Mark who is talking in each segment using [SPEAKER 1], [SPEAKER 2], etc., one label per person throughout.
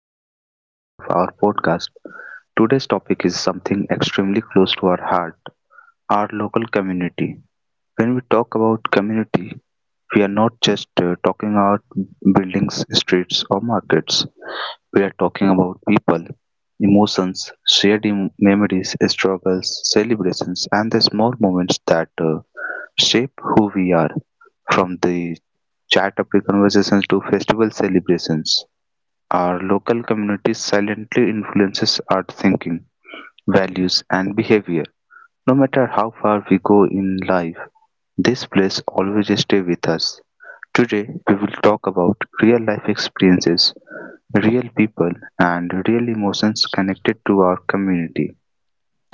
[SPEAKER 1] another episode of our podcast. Today's topic is something extremely close to our heart, our local community. When we talk about community, we are not just talking about buildings, streets, or markets. We are talking about people, emotions, shared memories, struggles, celebrations, and the small moments that shape who we are, from the chat up conversations to festival celebrations. Our local community silently influences our thinking, values, and behavior. No matter how far we go in life, this place always stays with us. Today, we will talk about real life experiences, real people, and real emotions connected to our community.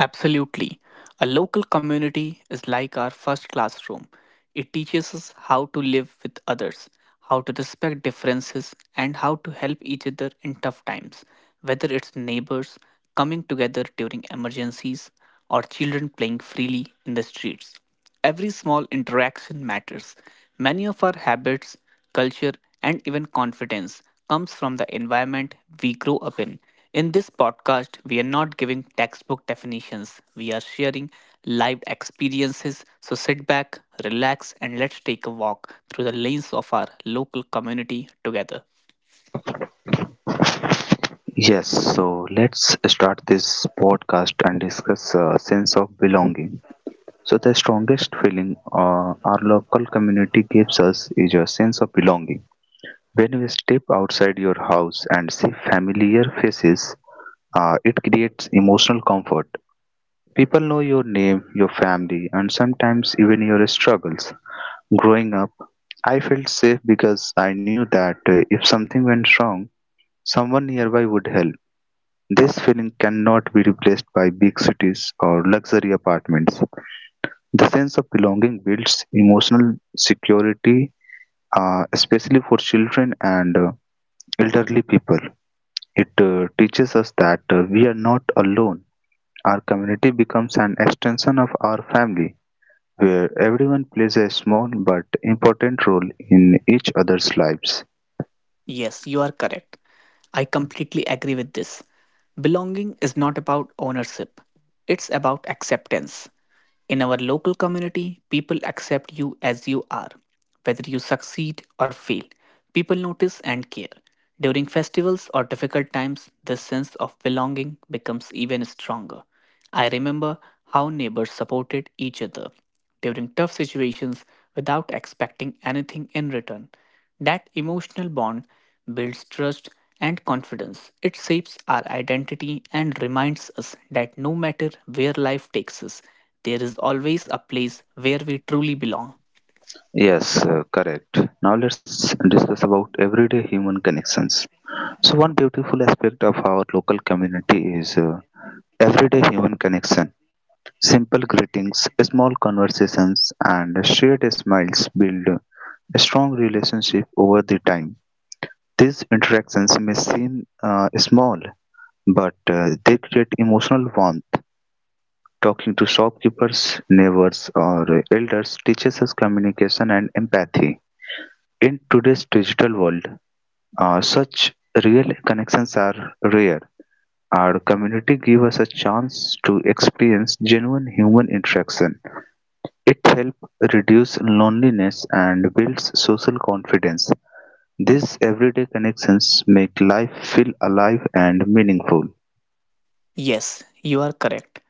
[SPEAKER 2] Absolutely. A local community is like our first classroom. It teaches us how to live with others, how to respect differences, and how to help each other in tough times, whether it's neighbors coming together during emergencies or children playing freely in the streets. Every small interaction matters. Many of our habits, culture, and even confidence comes from the environment we grow up in. In this podcast, we are not giving textbook definitions. We are sharing live experiences. So sit back, relax, and let's take a walk through the lanes of our local community together.
[SPEAKER 1] Yes, so let's start this podcast and discuss a sense of belonging. So the strongest feeling our local community gives us is a sense of belonging. When you step outside your house and see familiar faces, it creates emotional comfort. People know your name, your family, and sometimes even your struggles. Growing up, I felt safe because I knew that if something went wrong, someone nearby would help. This feeling cannot be replaced by big cities or luxury apartments. The sense of belonging builds emotional security, especially for children and elderly people. It teaches us that we are not alone. Our community becomes an extension of our family, where everyone plays a small but important role in each other's lives.
[SPEAKER 2] Yes, you are correct. I completely agree with this. Belonging is not about ownership, it's about acceptance. In our local community, people accept you as you are. Whether you succeed or fail, people notice and care. During festivals or difficult times, this sense of belonging becomes even stronger. I remember how neighbors supported each other during tough situations without expecting anything in return. That emotional bond builds trust and confidence. It shapes our identity and reminds us that no matter where life takes us, there is always a place where we truly belong.
[SPEAKER 1] Yes, correct. Now let's discuss about everyday human connections. So, one beautiful aspect of our local community is everyday human connection. Simple greetings, small conversations, and shared smiles build a strong relationship over the time. These interactions may seem small, but they create emotional warmth. Talking to shopkeepers, neighbors, or elders teaches us communication and empathy. In today's digital world, such real connections are rare. Our community gives us a chance to experience genuine human interaction. It helps reduce loneliness and builds social confidence. These everyday connections make life feel alive and meaningful.
[SPEAKER 2] Yes, you are correct.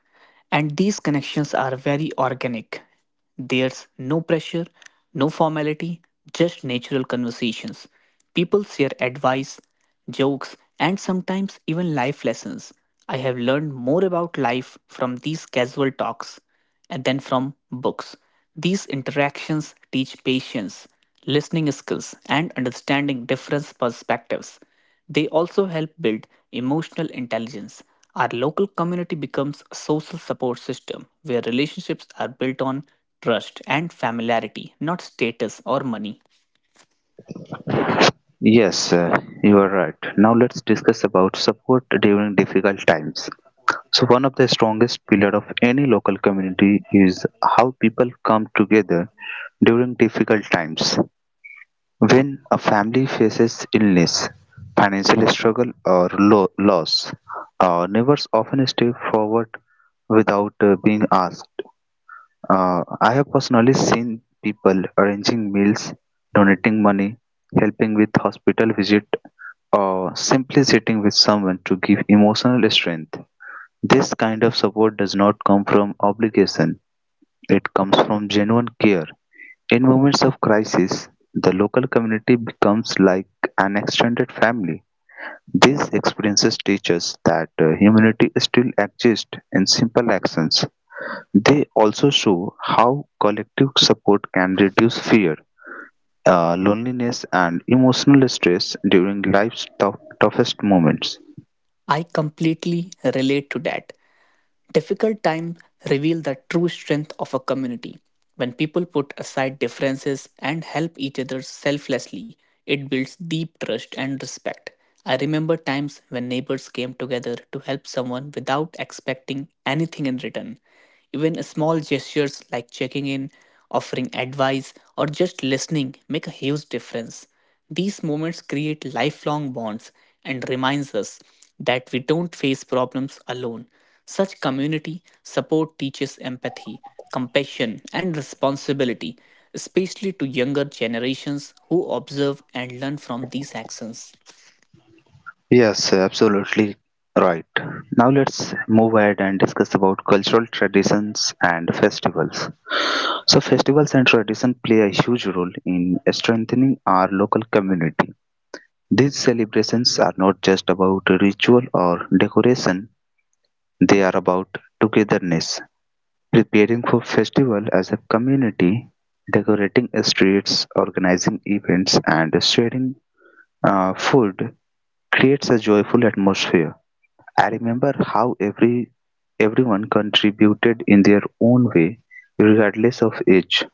[SPEAKER 2] And these connections are very organic. There's no pressure, no formality, just natural conversations. People share advice, jokes, and sometimes even life lessons. I have learned more about life from these casual talks and then from books. These interactions teach patience, listening skills, and understanding different perspectives. They also help build emotional intelligence. Our local community becomes a social support system where relationships are built on trust and familiarity, not status or money.
[SPEAKER 1] Yes, you are right. Now let's discuss about support during difficult times. So one of the strongest pillar of any local community is how people come together during difficult times. When a family faces illness, financial struggle or loss, our neighbors often step forward without being asked. I have personally seen people arranging meals, donating money, helping with hospital visit, or simply sitting with someone to give emotional strength. This kind of support does not come from obligation, it comes from genuine care. In moments of crisis, the local community becomes like an extended family. These experiences teach us that humanity still exists in simple actions. They also show how collective support can reduce fear, loneliness, and emotional stress during life's toughest moments.
[SPEAKER 2] I completely relate to that. Difficult times reveal the true strength of a community. When people put aside differences and help each other selflessly, it builds deep trust and respect. I remember times when neighbors came together to help someone without expecting anything in return. Even small gestures like checking in, offering advice, or just listening make a huge difference. These moments create lifelong bonds and reminds us that we don't face problems alone. Such community support teaches empathy, compassion, and responsibility, especially to younger generations who observe and learn from these actions.
[SPEAKER 1] Yes, absolutely right. Now let's move ahead and discuss about cultural traditions and festivals. So festivals and traditions play a huge role in strengthening our local community. These celebrations are not just about ritual or decoration, they are about togetherness. Preparing for festival as a community, decorating streets, organizing events, and sharing food creates a joyful atmosphere. I remember how everyone contributed in their own way, regardless of age.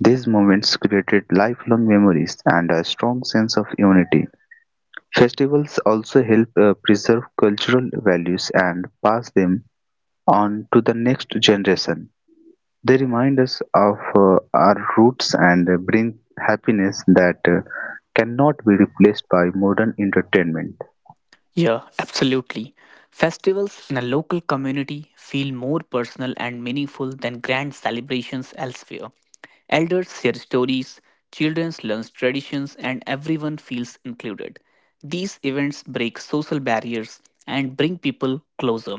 [SPEAKER 1] These moments created lifelong memories and a strong sense of unity. Festivals also help preserve cultural values and pass them on to the next generation. They remind us of our roots and bring happiness that cannot be replaced by modern entertainment.
[SPEAKER 2] Yeah, absolutely. Festivals in a local community feel more personal and meaningful than grand celebrations elsewhere. Elders share stories, children learn traditions, and everyone feels included. These events break social barriers and bring people closer.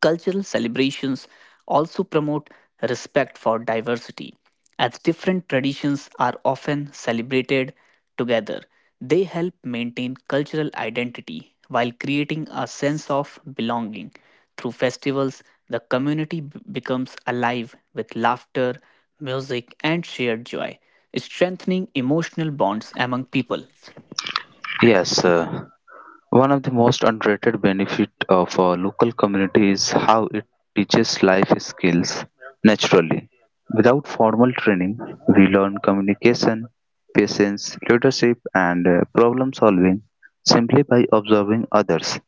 [SPEAKER 2] Cultural celebrations also promote respect for diversity, as different traditions are often celebrated together. They help maintain cultural identity while creating a sense of belonging. Through festivals, the community becomes alive with laughter, music, and shared joy, strengthening emotional bonds among people.
[SPEAKER 1] Yes, one of the most underrated benefit of a local community is how it teaches life skills naturally. Without formal training, we learn communication, patience, leadership, and problem solving simply by observing others.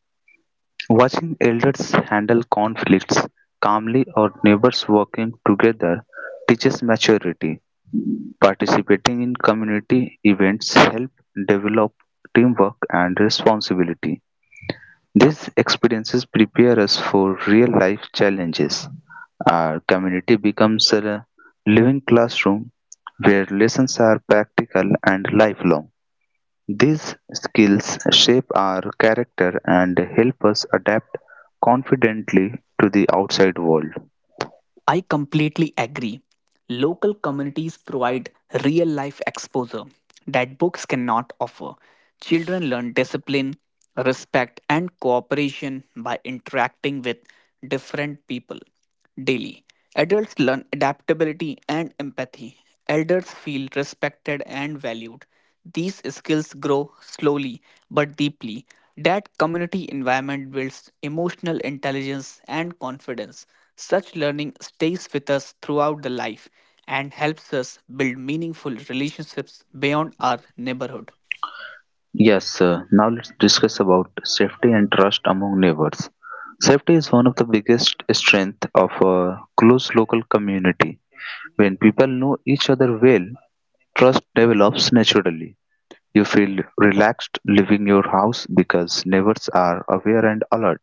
[SPEAKER 1] Watching elders handle conflicts calmly or neighbors working together teaches maturity. Participating in community events help develop teamwork and responsibility. These experiences prepare us for real life challenges. Our community becomes a living classroom where lessons are practical and lifelong. These skills shape our character and help us adapt confidently to the outside world.
[SPEAKER 2] I completely agree. Local communities provide real life exposure that books cannot offer. Children learn discipline, respect, and cooperation by interacting with different people daily. Adults learn adaptability and empathy. Elders feel respected and valued. These skills grow slowly but deeply. That community environment builds emotional intelligence and confidence. Such learning stays with us throughout the life and helps us build meaningful relationships beyond our neighborhood.
[SPEAKER 1] Yes, sir. Now let's discuss about safety and trust among neighbors. Safety is one of the biggest strength of a close local community. When people know each other well, trust develops naturally. You feel relaxed leaving your house because neighbors are aware and alert.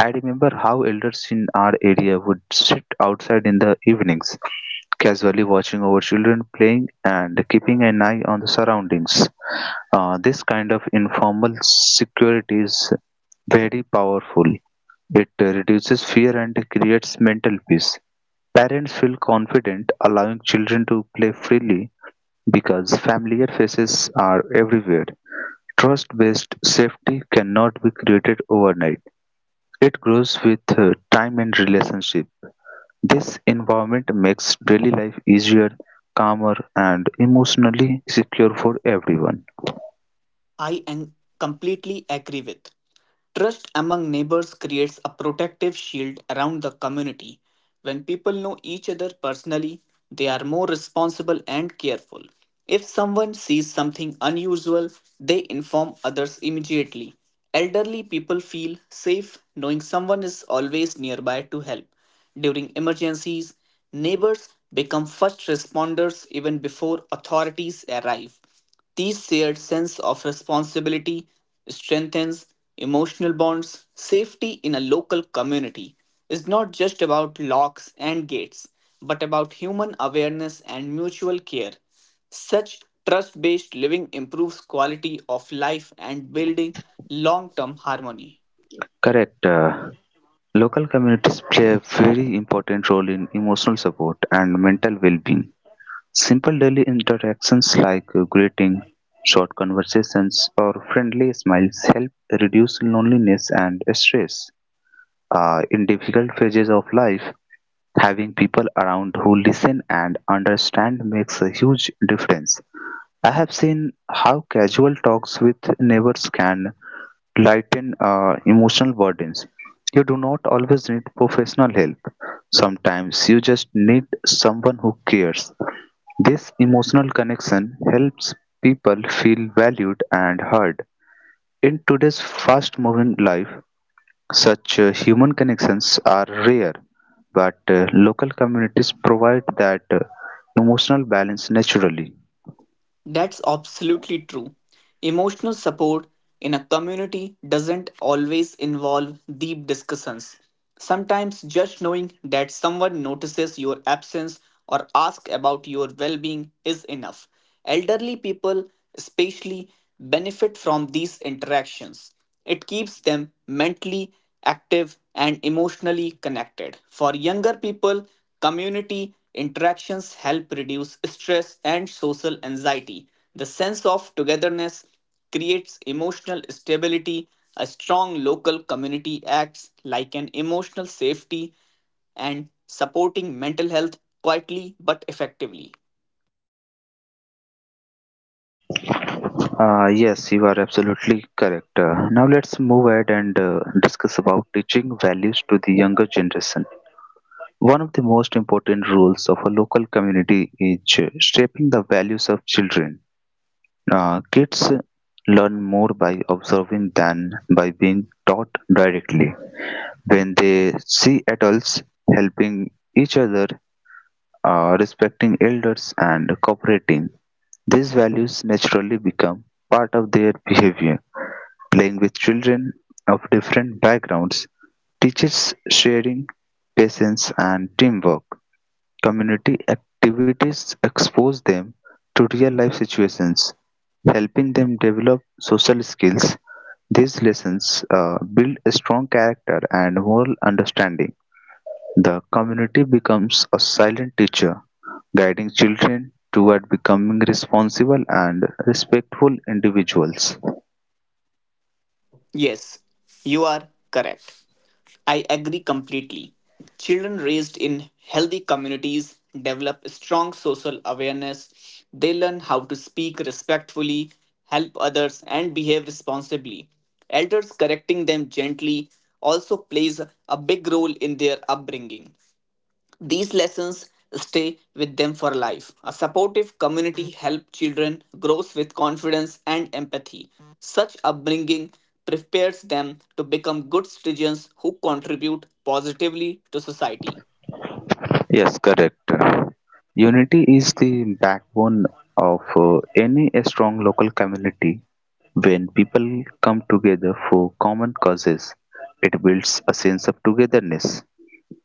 [SPEAKER 1] I remember how elders in our area would sit outside in the evenings, casually watching over children playing and keeping an eye on the surroundings. This kind of informal security is very powerful. It reduces fear and creates mental peace. Parents feel confident allowing children to play freely because familiar faces are everywhere. Trust based safety cannot be created overnight, it grows with time and relationship. This environment makes daily life easier, calmer, and emotionally secure for everyone.
[SPEAKER 2] I am completely agree with. Trust among neighbors creates a protective shield around the community. When people know each other personally, they are more responsible and careful. If someone sees something unusual, they inform others immediately. Elderly people feel safe knowing someone is always nearby to help. During emergencies, neighbors become first responders even before authorities arrive. This shared sense of responsibility strengthens emotional bonds. Safety in a local community is not just about locks and gates, but about human awareness and mutual care. Such trust based living improves quality of life and building long term harmony.
[SPEAKER 1] Correct. Local communities play a very important role in emotional support and mental well being. Simple daily interactions like greeting, short conversations, or friendly smiles help reduce loneliness and stress. In difficult phases of life, having people around who listen and understand makes a huge difference. I have seen how casual talks with neighbors can lighten emotional burdens. You do not always need professional help. Sometimes you just need someone who cares. This emotional connection helps people feel valued and heard. In today's fast moving life, such human connections are rare, but local communities provide that emotional balance naturally.
[SPEAKER 2] That's absolutely true. Emotional support in a community doesn't always involve deep discussions. Sometimes just knowing that someone notices your absence or asks about your well being is enough. Elderly people, especially, benefit from these interactions. It keeps them mentally active and emotionally connected. For younger people, community interactions help reduce stress and social anxiety. The sense of togetherness creates emotional stability. A strong local community acts like an emotional safety and supporting mental health quietly but effectively.
[SPEAKER 1] Yes, you are absolutely correct. Now let's move ahead and discuss about teaching values to the younger generation. One of the most important roles of a local community is shaping the values of children. Kids learn more by observing than by being taught directly. When they see adults helping each other, respecting elders, and cooperating, these values naturally become part of their behavior. Playing with children of different backgrounds teaches sharing, patience, and teamwork. Community activities expose them to real life situations, helping them develop social skills. These lessons build a strong character and moral understanding. The community becomes a silent teacher, guiding children toward becoming responsible and respectful individuals.
[SPEAKER 2] Yes, you are correct. I agree completely. Children raised in healthy communities develop strong social awareness. They learn how to speak respectfully, help others, and behave responsibly. Elders correcting them gently also plays a big role in their upbringing. These lessons stay with them for life. A supportive community helps children grow with confidence and empathy. Such upbringing prepares them to become good citizens who contribute positively to society.
[SPEAKER 1] Yes, correct. Unity is the backbone of any strong local community. When people come together for common causes, it builds a sense of togetherness.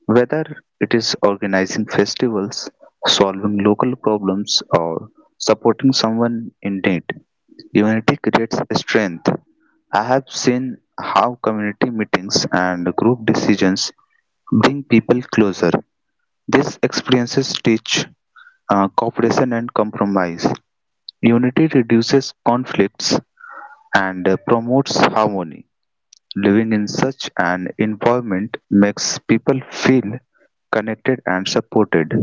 [SPEAKER 1] Whether it is organizing festivals, solving local problems, or supporting someone in need, unity creates strength. I have seen how community meetings and group decisions bring people closer. These experiences teach cooperation and compromise. Unity reduces conflicts and promotes harmony. Living in such an environment makes people feel connected and supported.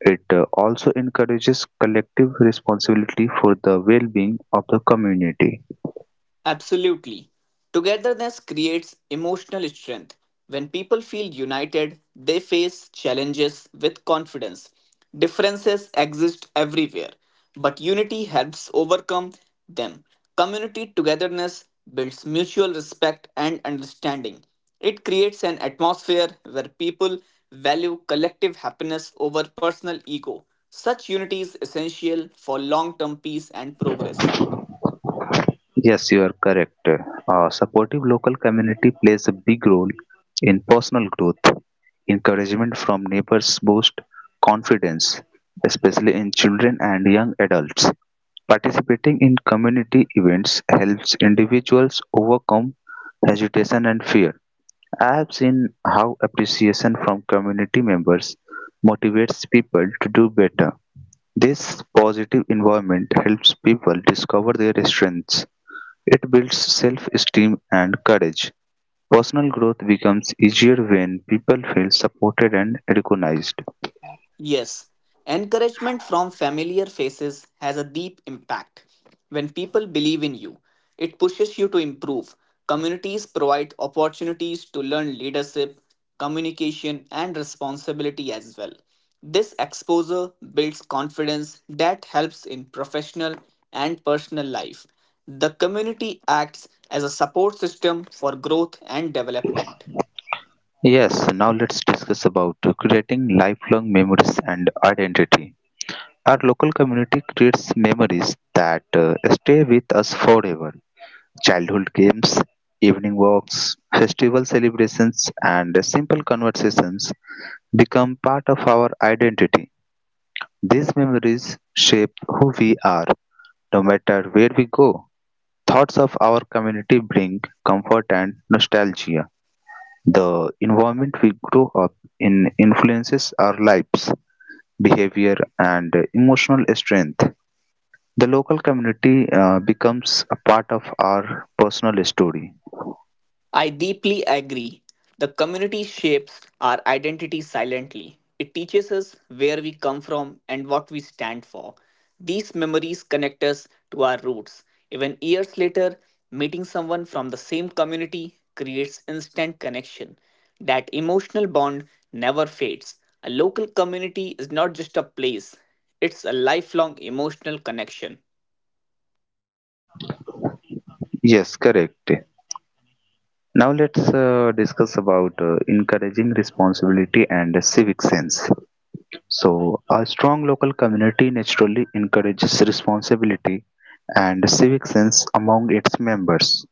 [SPEAKER 1] It also encourages collective responsibility for the well being of the community.
[SPEAKER 2] Absolutely. Togetherness creates emotional strength. When people feel united, they face challenges with confidence. Differences exist everywhere, but unity helps overcome them. Community togetherness builds mutual respect and understanding. It creates an atmosphere where people value collective happiness over personal ego. Such unity is essential for long term peace and progress.
[SPEAKER 1] Yes, you are correct. Supportive local community plays a big role in personal growth. Encouragement from neighbors boosts confidence, especially in children and young adults. Participating in community events helps individuals overcome hesitation and fear. I have seen how appreciation from community members motivates people to do better. This positive environment helps people discover their strengths, it builds self-esteem and courage. Personal growth becomes easier when people feel supported and recognized.
[SPEAKER 2] Yes, encouragement from familiar faces has a deep impact. When people believe in you, it pushes you to improve. Communities provide opportunities to learn leadership, communication, and responsibility as well. This exposure builds confidence that helps in professional and personal life. The community acts as a support system for growth and development.
[SPEAKER 1] Yes, now let's discuss about creating lifelong memories and identity. Our local community creates memories that stay with us forever. Childhood games, evening walks, festival celebrations, and simple conversations become part of our identity. These memories shape who we are, no matter where we go. Thoughts of our community bring comfort and nostalgia. The environment we grow up in influences our lives, behavior, and emotional strength. The local community becomes a part of our personal story.
[SPEAKER 2] I deeply agree. The community shapes our identity silently. It teaches us where we come from and what we stand for. These memories connect us to our roots. Even years later, meeting someone from the same community creates instant connection. That emotional bond never fades. A local community is not just a place, it's a lifelong emotional connection.
[SPEAKER 1] Yes, correct. Now let's discuss about encouraging responsibility and civic sense. So, a strong local community naturally encourages responsibility and civic sense among its members.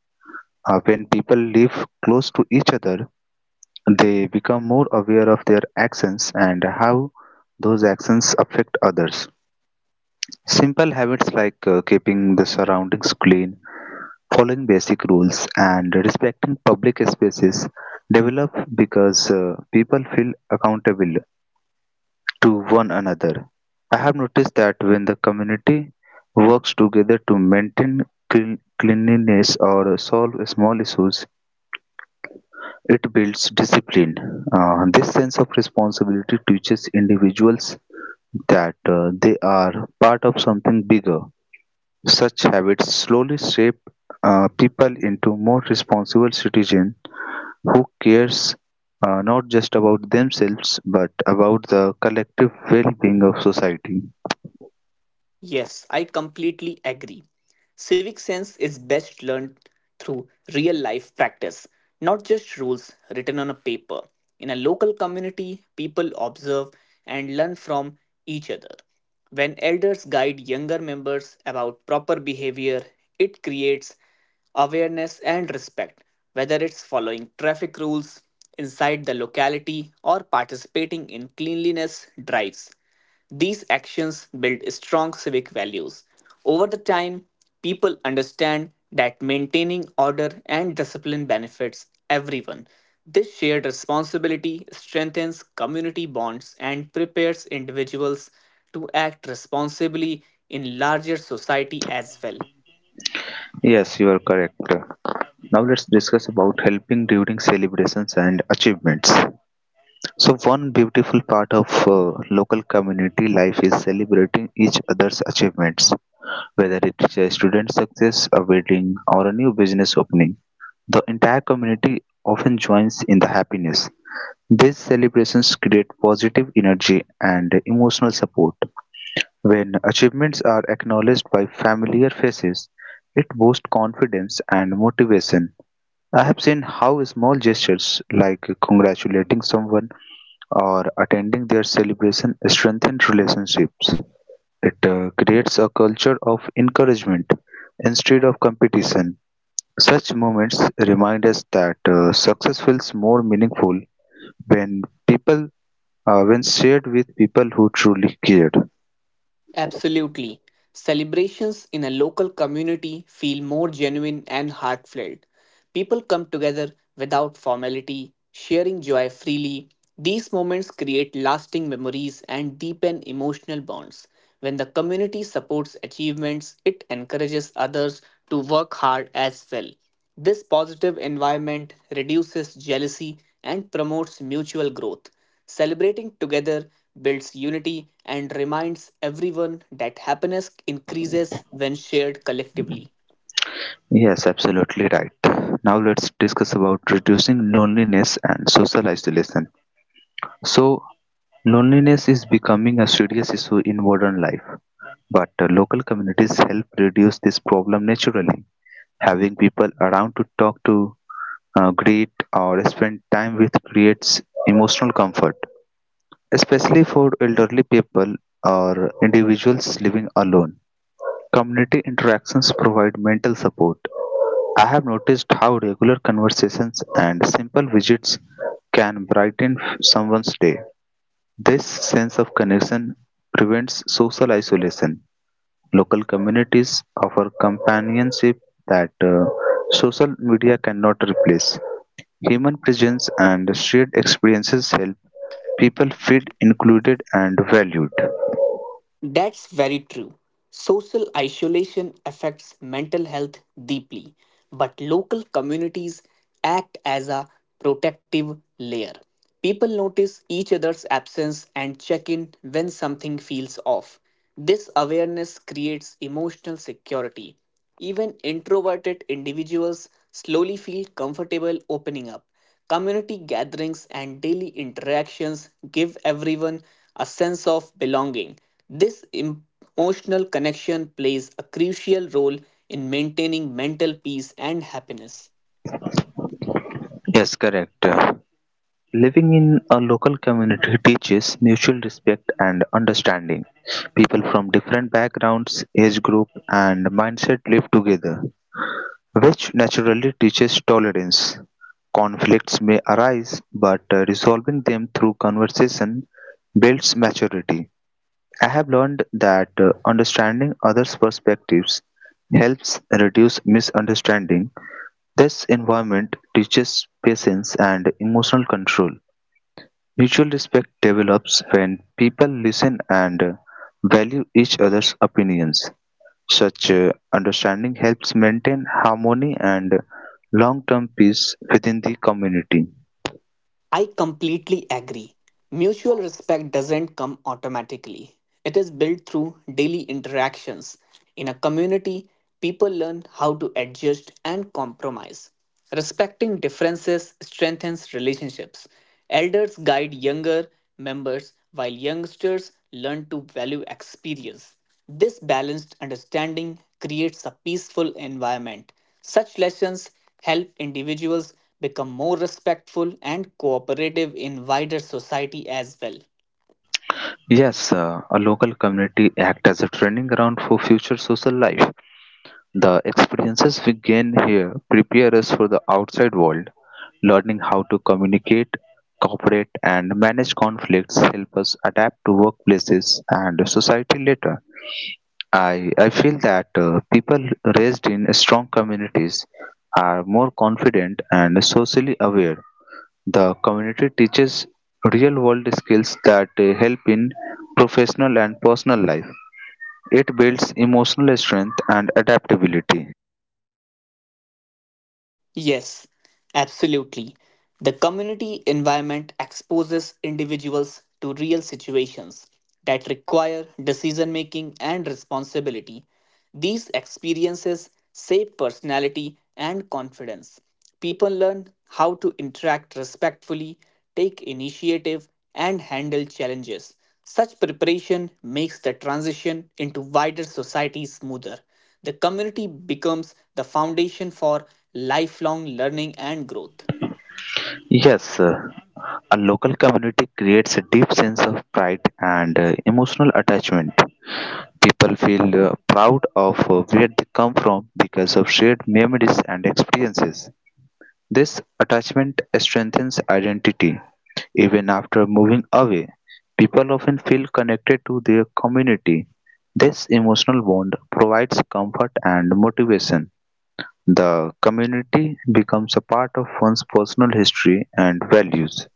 [SPEAKER 1] When people live close to each other, they become more aware of their actions and how those actions affect others. Simple habits like keeping the surroundings clean, following basic rules, and respecting public spaces develop because people feel accountable to one another. I have noticed that when the community works together to maintain cleanliness or solve small issues, it builds discipline. This sense of responsibility teaches individuals that they are part of something bigger. Such habits slowly shape people into more responsible citizens who cares not just about themselves but about the collective well-being of society.
[SPEAKER 2] Yes, I completely agree. Civic sense is best learned through real life practice, not just rules written on a paper. In a local community, people observe and learn from each other. When elders guide younger members about proper behavior, it creates awareness and respect, whether it's following traffic rules inside the locality or participating in cleanliness drives. These actions build strong civic values. Over the time, people understand that maintaining order and discipline benefits everyone. This shared responsibility strengthens community bonds and prepares individuals to act responsibly in larger society as well.
[SPEAKER 1] Yes, you are correct. Now let's discuss about helping during celebrations and achievements. So one beautiful part of local community life is celebrating each other's achievements, whether it's a student success, a wedding, or a new business opening. The entire community often joins in the happiness. These celebrations create positive energy and emotional support. When achievements are acknowledged by familiar faces, it boosts confidence and motivation. I have seen how small gestures like congratulating someone or attending their celebration strengthens relationships. It creates a culture of encouragement instead of competition. Such moments remind us that success feels more meaningful when people when shared with people who truly care.
[SPEAKER 2] Absolutely. Celebrations in a local community feel more genuine and heartfelt. People come together without formality, sharing joy freely. These moments create lasting memories and deepen emotional bonds. When the community supports achievements, it encourages others to work hard as well. This positive environment reduces jealousy and promotes mutual growth. Celebrating together builds unity and reminds everyone that happiness increases when shared collectively.
[SPEAKER 1] Yes, absolutely right. Now let's discuss about reducing loneliness and social isolation. So, loneliness is becoming a serious issue in modern life. But local communities help reduce this problem naturally. Having people around to talk to, greet, or spend time with creates emotional comfort, especially for elderly people or individuals living alone. Community interactions provide mental support. I have noticed how regular conversations and simple visits can brighten someone's day. This sense of connection prevents social isolation. Local communities offer companionship that social media cannot replace. Human presence and shared experiences help people feel included and valued.
[SPEAKER 2] That's very true. Social isolation affects mental health deeply, but local communities act as a protective layer. People notice each other's absence and check in when something feels off. This awareness creates emotional security. Even introverted individuals slowly feel comfortable opening up. Community gatherings and daily interactions give everyone a sense of belonging. This emotional connection plays a crucial role in maintaining mental peace and happiness.
[SPEAKER 1] Yes, correct. Living in a local community teaches mutual respect and understanding. People from different backgrounds, age group, and mindset live together, which naturally teaches tolerance. Conflicts may arise, but resolving them through conversation builds maturity. I have learned that understanding others' perspectives helps reduce misunderstanding. This environment teaches patience and emotional control. Mutual respect develops when people listen and value each other's opinions. Such understanding helps maintain harmony and long-term peace within the community.
[SPEAKER 2] I completely agree. Mutual respect doesn't come automatically. It is built through daily interactions. In a community, people learn how to adjust and compromise. Respecting differences strengthens relationships. Elders guide younger members, while youngsters learn to value experience. This balanced understanding creates a peaceful environment such lessons help individuals become more respectful and cooperative in wider society as well.
[SPEAKER 1] Yes, a local community act as a training ground for future social life. The experiences we gain here prepare us for the outside world. Learning how to communicate, cooperate, and manage conflicts help us adapt to workplaces and society later. I feel that people raised in strong communities are more confident and socially aware. The community teaches real world skills that help in professional and personal life. It builds emotional strength and adaptability.
[SPEAKER 2] Yes, absolutely. The community environment exposes individuals to real situations that require decision making and responsibility. These experiences shape personality and confidence. People learn how to interact respectfully, take initiative, and handle challenges. Such preparation makes the transition into wider society smoother the community becomes the foundation for lifelong learning and growth.
[SPEAKER 1] Yes, a local community creates a deep sense of pride and emotional attachment. People feel proud of where they come from because of shared memories and experiences. This attachment strengthens identity. Even after moving away, people often feel connected to their community. This emotional bond provides comfort and motivation. The community becomes a part of one's personal history and values.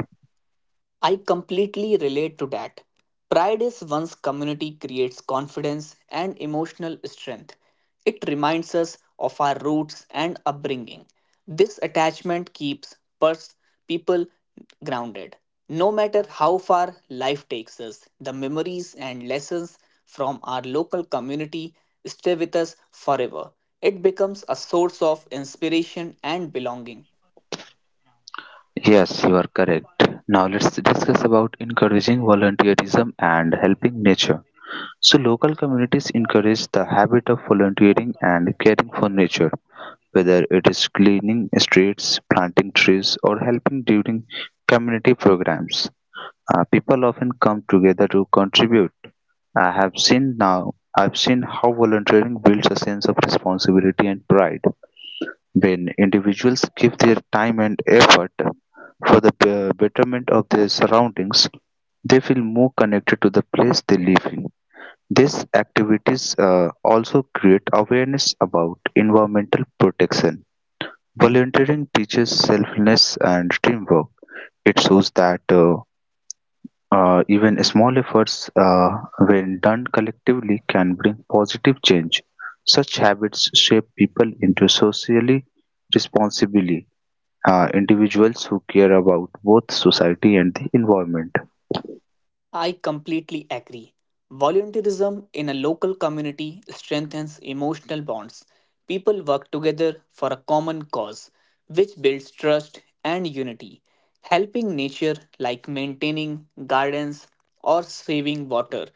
[SPEAKER 2] I completely relate to that. Pride is one's community creates confidence and emotional strength. It reminds us of our roots and upbringing. This attachment keeps pers- people grounded. No matter how far life takes us, the memories and lessons from our local community stay with us forever. It becomes a source of inspiration and belonging.
[SPEAKER 1] Yes, you are correct. Now let's discuss about encouraging volunteerism and helping nature. So local communities encourage the habit of volunteering and caring for nature, whether it is cleaning streets, planting trees, or helping during community programs. People often come together to contribute. I've seen how volunteering builds a sense of responsibility and pride. When individuals give their time and effort for the betterment of their surroundings, they feel more connected to the place they live in. These activities also create awareness about environmental protection. Volunteering teaches selflessness and teamwork. It shows that even small efforts, when done collectively, can bring positive change. Such habits shape people into socially responsible individuals who care about both society and the environment.
[SPEAKER 2] I completely agree. Volunteerism in a local community strengthens emotional bonds. People work together for a common cause, which builds trust and unity. Helping nature, like maintaining gardens or saving water,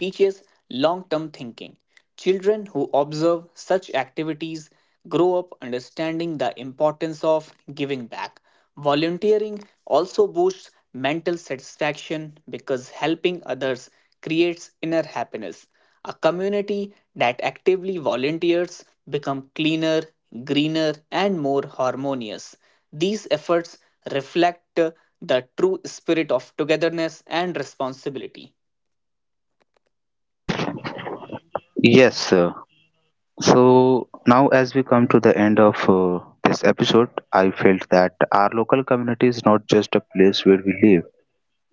[SPEAKER 2] teaches long term thinking. Children who observe such activities grow up understanding the importance of giving back. Volunteering also boosts mental satisfaction because helping others creates inner happiness. A community that actively volunteers become cleaner, greener and more harmonious. These efforts reflect the true spirit of togetherness and responsibility.
[SPEAKER 1] Yes, so now as we come to the end of this episode, I felt that our local community is not just a place where we live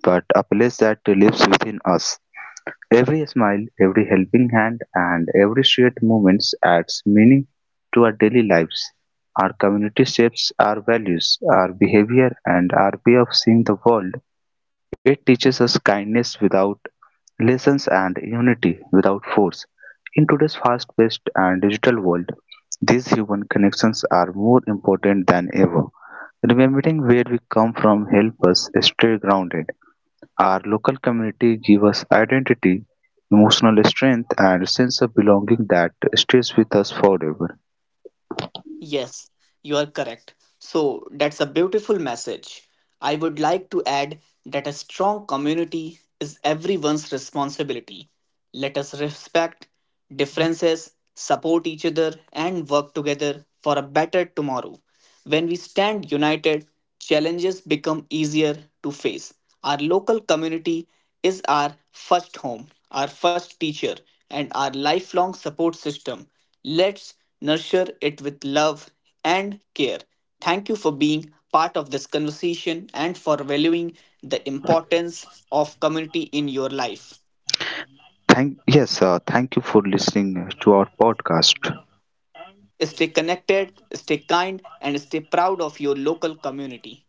[SPEAKER 1] but a place that lives within us. Every smile, every helping hand, and every shared moment adds meaning to our daily lives. Our community shapes our values, our behavior, and our way of seeing the world. It teaches us kindness without lessons and unity without force. In today's fast paced and digital world, these human connections are more important than ever. Remembering where we come from helps us stay grounded. Our local community give us identity, emotional strength, and sense of belonging that stays with us forever.
[SPEAKER 2] Yes, you are correct. So that's a beautiful message. I would like to add that a strong community is everyone's responsibility. Let us respect differences, support each other, and work together for a better tomorrow. When we stand united, challenges become easier to face. Our local community is our first home, our first teacher, and our lifelong support system. Let's nurture it with love and care. Thank you for being part of this conversation and for valuing the importance of community in your life.
[SPEAKER 1] Thank you for listening to our podcast.
[SPEAKER 2] Stay connected, stay kind, and stay proud of your local community.